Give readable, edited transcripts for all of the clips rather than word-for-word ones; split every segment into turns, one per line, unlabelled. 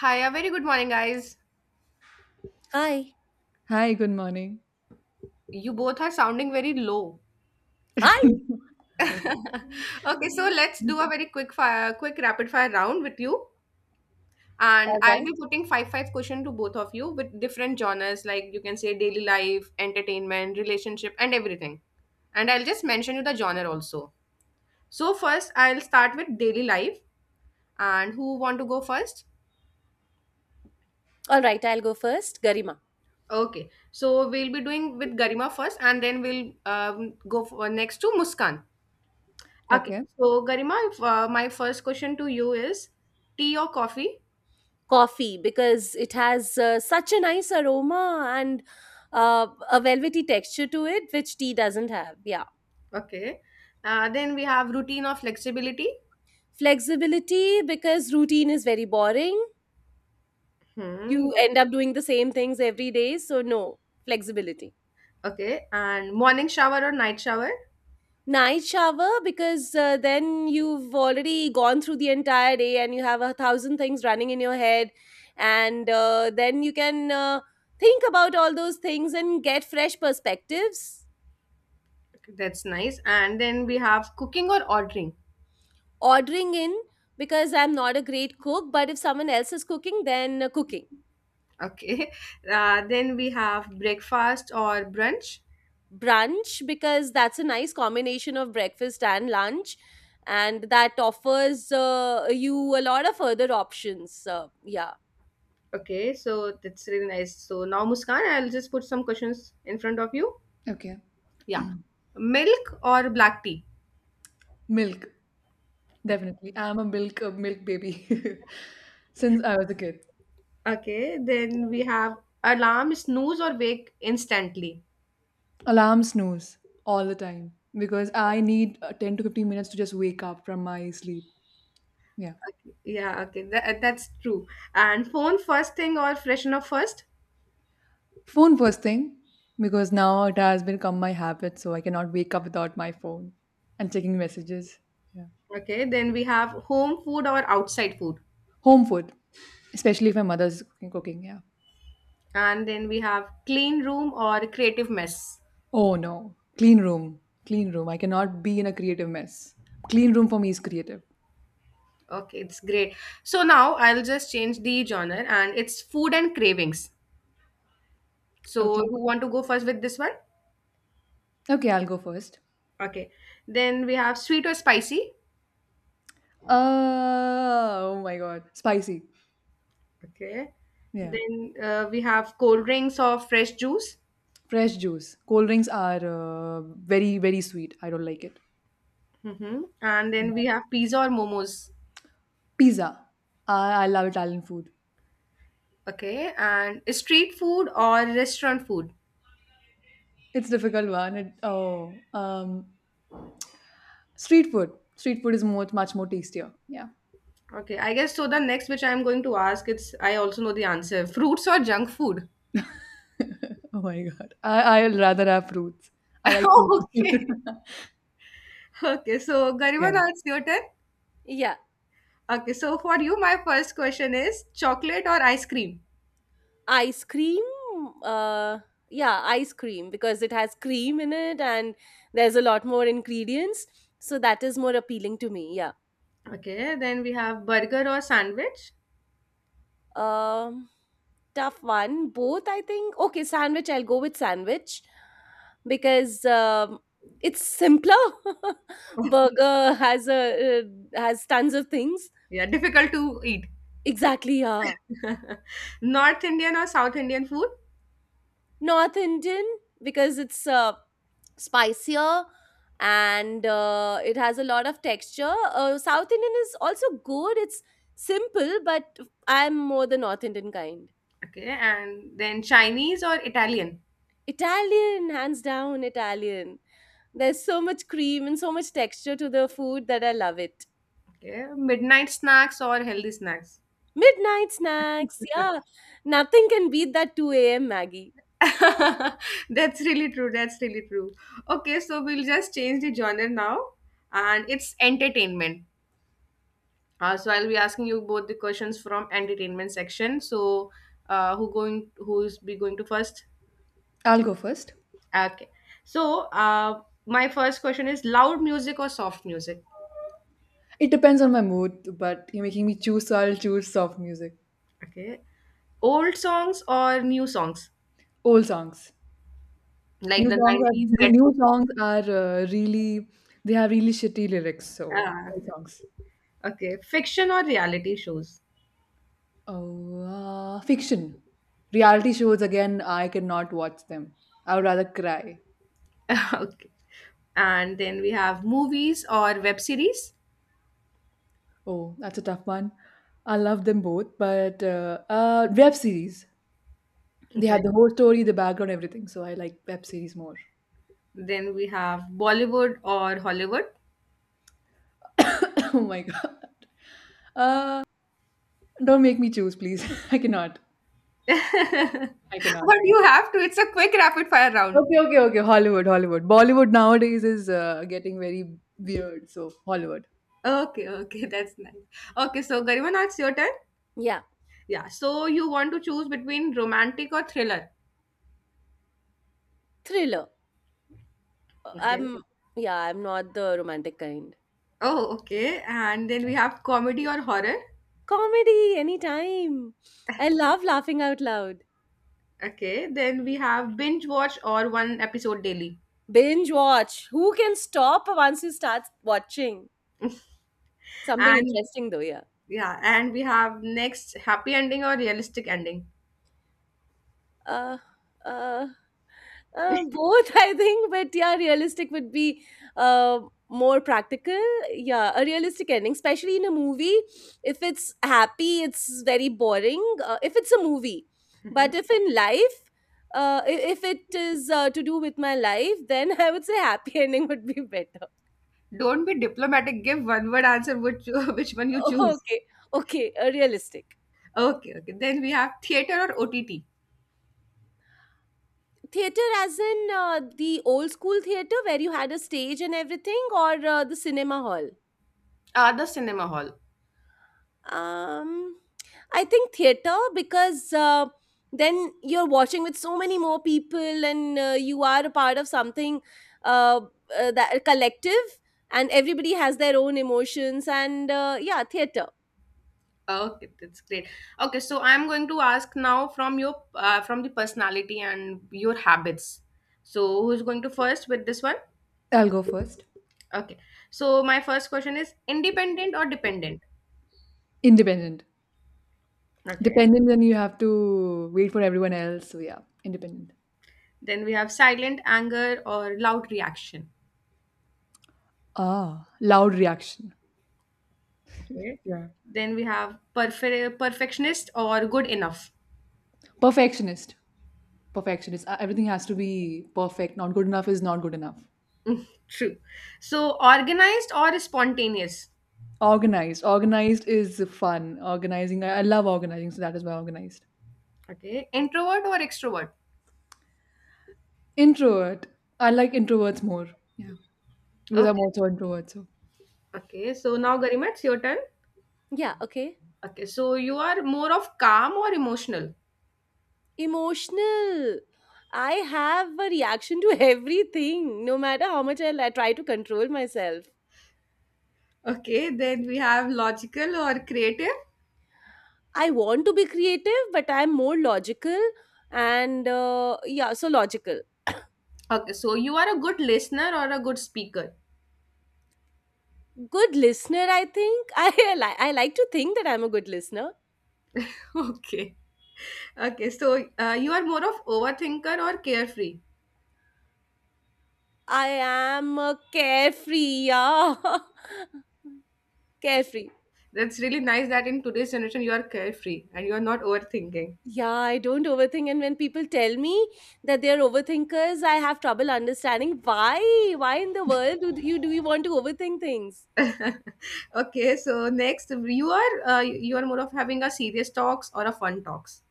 Hi, a very good morning, guys.
Hi.
Hi, good morning.
You both are sounding very low.
Hi.
Okay, so let's do
Mhm.
a very quick rapid fire round with you. And
All
I'll be
right.
putting five question to both of you with different genres, like you can say daily life, entertainment, relationship, and everything. And I'll just mention you the genre also. So first, I'll start with daily life. And who want to go first?
All right. I'll go first, Garima.
Okay, so we'll be doing with Garima first, and then we'll next to Muskan. Okay,
Okay,
so Garima, if, my first question to you is tea or coffee?
Coffee, because it has such a nice aroma and a velvety texture to it, which tea doesn't have. Yeah.
Okay. Then we have routine or flexibility.
Flexibility, because routine is very boring.
Hmm.
You end up doing the same things every day. So, no, flexibility.
Okay. And morning shower or night shower.
Night shower because then you've already gone through the entire day and you have a thousand things running in your head, and then you can think about all those things and get fresh perspectives.
Okay, that's nice. And then we have cooking or ordering.
Ordering in because I'm not a great cook, but if someone else is cooking, then cooking.
Okay. Then we have breakfast or brunch.
Brunch because that's a nice combination of breakfast and lunch, and that offers you a lot of further options. Yeah.
Okay. So that's really nice. So now, Muskan, I'll just put some questions in front of you.
okay.
Yeah. Milk or black tea?
Milk, definitely. I'm a milk baby since I was a kid.
Okay, then we have alarm, snooze, or wake instantly.
Alarm snooze all the time because I need 10 to 15 minutes to just wake up from my sleep. Yeah.
Yeah, okay, that's true. And phone first thing or freshen up first.
Phone first thing because now it has become my habit, so I cannot wake up without my phone and checking messages. Yeah.
Okay, then we have home food or outside food.
Home food, especially if my mother's cooking. Yeah.
And then we have clean room or creative mess.
Oh no, clean room. I cannot be in a creative mess. Clean room for me is creative.
Okay, it's great. So now I'll just change the genre and it's food and cravings.
Okay,
So you want to go first with this one?
okay, I'll go first.
Okay. Then we have sweet or spicy.
Oh my god, spicy.
Okay.
Yeah,
Then we have cold drinks or fresh juice.
fresh juice. Cold drinks are very sweet. I don't like it.
Mm-hmm. And then we have pizza or momos.
Pizza. I love Italian food.
Okay. And street food or restaurant food.
It's difficult one. Street food. Street food is more much more tastier. Yeah.
Okay, I guess so. The next which I'm going to ask, it's I also know the answer. Fruits or junk food.
Oh my god. I I'll rather have fruits. I like fruits.
Okay. Okay, so Gariban,
Yeah,
it's your turn.
Yeah.
Okay, so for you, my first question is chocolate or ice cream.
Ice cream? Uh, yeah, ice cream because it has cream in it and there's a lot more ingredients. So that is more appealing to me. Yeah.
Okay. Then we have burger or sandwich.
Um, tough one. Both, I think. Okay, sandwich. I'll go with sandwich because it's simpler.
Oh,
Burger has a has tons of things.
yeah, difficult to eat.
Exactly. Yeah.
North Indian or South Indian food.
North Indian because it's spicier and it has a lot of texture. South Indian is also good. It's simple, but I'm more the North Indian kind.
Okay. And then Chinese or Italian.
Italian, hands down, Italian. There's so much cream and so much texture to the food that I love it.
Okay, midnight snacks or healthy snacks?
Midnight snacks, yeah. Nothing can beat that 2 a.m. Maggie.
That's really true. That's really true. Okay, so we'll just change the genre now, and it's entertainment. So I'll be asking you both the questions from entertainment section. So, Who's be going to first?
I'll go first.
Okay. So, my first question is loud music or soft music?
It depends on my mood, but you're making me choose, so I'll choose soft music.
Okay. Old songs or new songs,
Old songs.
like
New
the
songs are
nineties
new,
retro
new
songs.
songs are really they have really shitty lyrics, so
Ah,
old songs.
okay. Fiction or reality shows?
Oh, Fiction. Reality shows again, I cannot watch them. I would rather cry.
Okay. And then we have movies or web series.
Oh, that's a tough one. I love them both, but web series. They
Okay.
have the whole story, the background, everything. So I like web series more.
Then we have Bollywood or Hollywood.
Oh my god! Don't make me choose, please. I cannot. I cannot.
But you have to. It's a quick rapid fire round.
Okay, okay, okay. Hollywood, Hollywood. Bollywood nowadays is getting very weird. So, Hollywood.
Okay, okay, that's nice. Okay, so Garima, now it's your turn.
Yeah,
Yeah, so you want to choose between romantic or thriller.
thriller. Uh,
Okay.
I'm, yeah, I'm not the romantic kind.
Oh, okay. And then we have comedy or horror.
Comedy, anytime. I love laughing out loud.
Okay. Then we have binge watch or one episode daily.
Binge watch. Who can stop once you start watching? Something
And
interesting though, yeah.
yeah, and we have next happy ending or realistic ending.
Uh, uh, both, I think, but yeah, realistic would be uh, more practical. Yeah, a realistic ending, especially in a movie. If it's happy, it's very boring. If it's a movie,
Mhm.
but if in life, if it is to do with my life, then I would say happy ending would be better.
Don't be diplomatic. Give one word answer which which one you choose.
Okay, okay, realistic.
Okay, okay. Then we have theater or OTT.
Theater as in the old school theater where you had a stage and everything, or the cinema hall?
The cinema hall.
Um, I think theater because then you're watching with so many more people and you are a part of something, uh, that a collective, and everybody has their own emotions and yeah, theater.
Okay, that's great. Okay, so I'm going to ask now from your from the personality and your habits. So who's going to first with this one?
I'll go first.
Okay. So my first question is independent or dependent?
Independent.
Okay.
Dependent, then you have to wait for everyone else. So, yeah, independent.
Then we have silent anger or loud reaction.
Ah, loud reaction.
Okay.
Yeah.
Then we have perfectionist or good enough.
Perfectionist. Perfectionist. Everything has to be perfect. Not good enough is not good enough.
Mm, true. So organized or spontaneous?
Organized. Organized is fun. Organizing. I love organizing, so that is why organized.
Okay. Introvert or extrovert?
Introvert. I like introverts more. Yeah. Because I'm
Okay.
also introvert, so
Okay, so now Garima, it's your turn.
Yeah, okay.
Okay. So you are more of calm or emotional?
Emotional. I have a reaction to everything, no matter how much I try to control myself.
Okay. Then we have logical or creative.
I want to be creative, but I'm more logical and yeah, so logical.
Okay. So you are a good listener or a good speaker?
Good listener, I think. I like to think that I'm a good listener.
Okay. Okay. So you are more of overthinker or carefree?
I am a carefree, yeah. carefree.
That's really nice that in today's generation you are carefree and you are not overthinking.
Yeah, I don't overthink, and when people tell me that they're overthinkers, I have trouble understanding why in the world do you want to overthink things?
Okay, so next you are more of having a serious talks or a fun talks.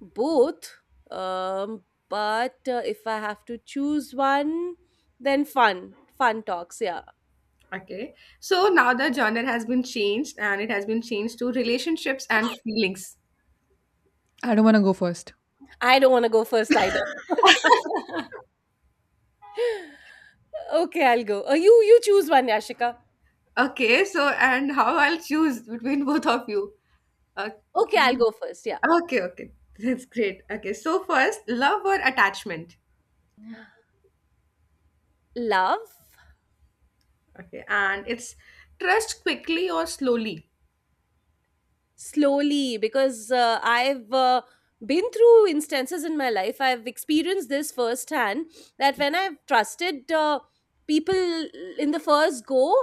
Both, um, but if I have to choose one, then fun talks, yeah.
Okay, so now the genre has been changed and it has been changed to relationships and feelings.
I don't want to go first.
I don't want to go first either. Okay, I'll go, you you choose one, Yashika.
Okay, so and how I'll choose between both of you.
Okay,
Okay,
I'll go first. Yeah.
okay. Okay, that's great. Okay, so first love or attachment.
Love.
Okay, and it's trust quickly or slowly.
Slowly, because I've, been through instances in my life. I've experienced this firsthand, that when I've trusted people in the first go,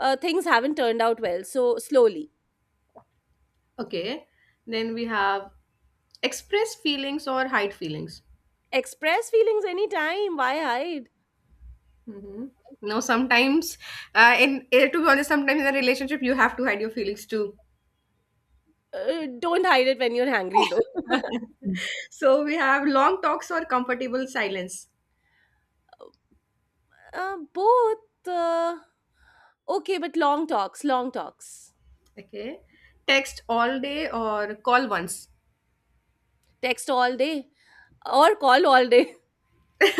things haven't turned out well. So, slowly.
Okay, then we have express feelings or hide feelings.
Express feelings anytime. Why hide?
Mhm. No, sometimes, to be honest, sometimes in a relationship you have to hide your feelings too.
Don't hide it when you're hangry, though.
So we have long talks or comfortable silence.
Both. Okay, but long talks.
Okay, text all day or call once.
Text all day or call all day.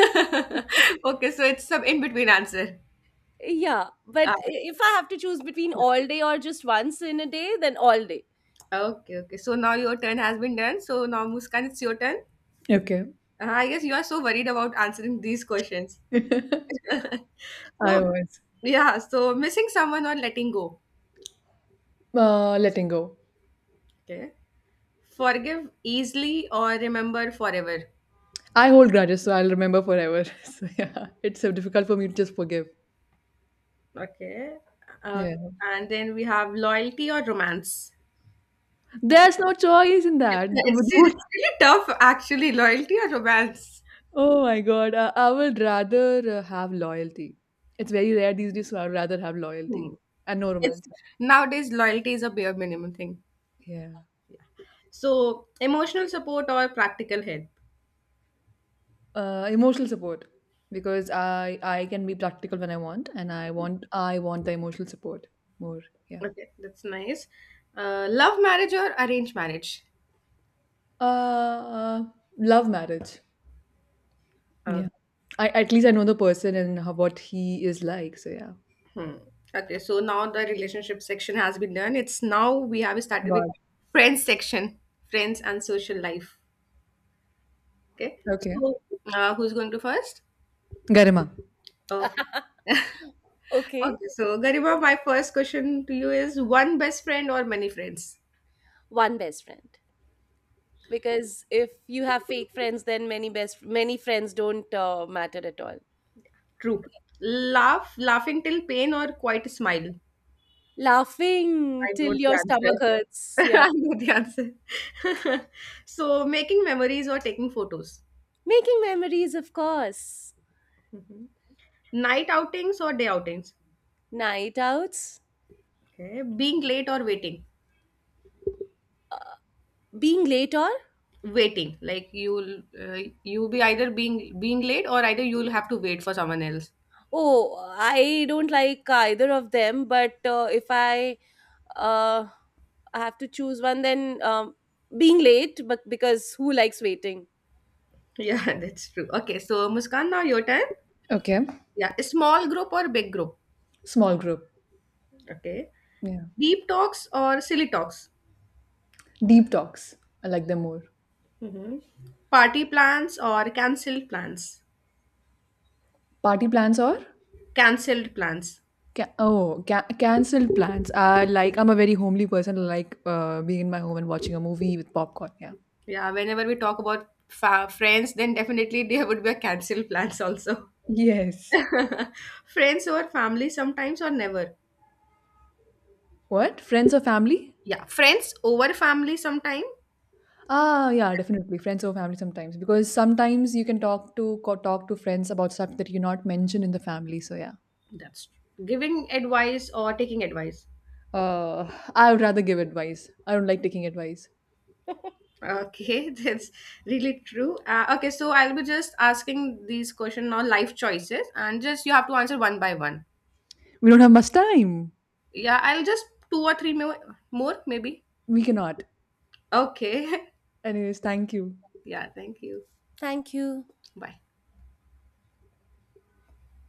Okay, so it's some in between answer.
yeah,
Uh,
but if I have to choose between all day or just once in a day, then all day.
okay, okay. So now your turn has been done. So now Muskan, it's your turn.
Okay.
I guess you are so worried about answering these questions. So
I was
yeah, so missing someone or letting go.
letting go.
Okay. Forgive easily or remember forever.
I hold grudges, so I'll remember forever. So yeah, it's so difficult for me to just forgive.
Okay. Uh,
Yeah,
and then we have loyalty or romance. Right?
there's no choice in that.
It's really tough, actually. Loyalty or romance.
Oh my God, I would rather have loyalty. It's very rare these days, so I'd rather have
Hmm.
loyalty and no
It's
romance.
nowadays loyalty is a bare minimum thing.
Yeah,
So emotional support or practical help.
emotional support because I can be practical when I want, and I want the emotional support more. Yeah,
Okay, that's nice. Love marriage or arranged marriage.
uh, love marriage. Yeah. I at least I know the person and how what he is like, so yeah.
Hmm. Okay, so now the relationship section has been done. It's now we have
Oh
started with
god.
friends section, friends and social life. Okay,
Okay.
so who's going to first?
Garima.
Okay,
Okay.
okay. So Garima, my first question to you is: one best friend or many friends?
One best friend. Because if you have fake friends, then many best many friends don't matter at all.
True. Laugh, laughing till pain, or quite smile.
Laughing
I
till
know
your
the
stomach
answer.
hurts. Yeah.
I know the answer. So making memories or taking photos.
Making memories, of course.
Mhm. Night outings or day outings?
Night outs?
Okay, being late or waiting?
Being late or?
Waiting, like you'll be either being late or either you'll have to wait for someone else.
Oh, I don't like either of them, but if I uh, have to choose one, then being late, but because who likes waiting?
Yeah, that's true. Okay, so Muskan, now your turn.
Okay.
Yeah, a small group or big group?
Small group.
Okay,
Yeah.
deep talks or silly talks?
Deep talks. I like them more.
Hmm. Party plans or cancelled plans?
Party plans or?
Cancelled plans.
Cancelled plans. I like I'm a very homely person. I like being in my home and watching a movie with popcorn. Yeah.
Yeah, whenever we talk about friends, then definitely there would be a cancelled plans also.
Yes.
Friends or family sometimes or never?
What? Friends or family?
Yeah, friends over family sometime.
Ah, yeah, definitely friends or family sometimes because sometimes you can talk to talk to friends about stuff that you not mention in the family. So yeah.
That's giving advice or taking advice.
Uh, I would rather give advice. I don't like taking advice.
Okay. That's really true. Okay, so I'll be just asking these question on life choices and just you have to answer one by one.
We don't have much time.
Yeah, I'll just two or three more, more maybe.
We cannot.
Okay.
Anyways, thank you.
Yeah, thank you.
Thank you.
Bye.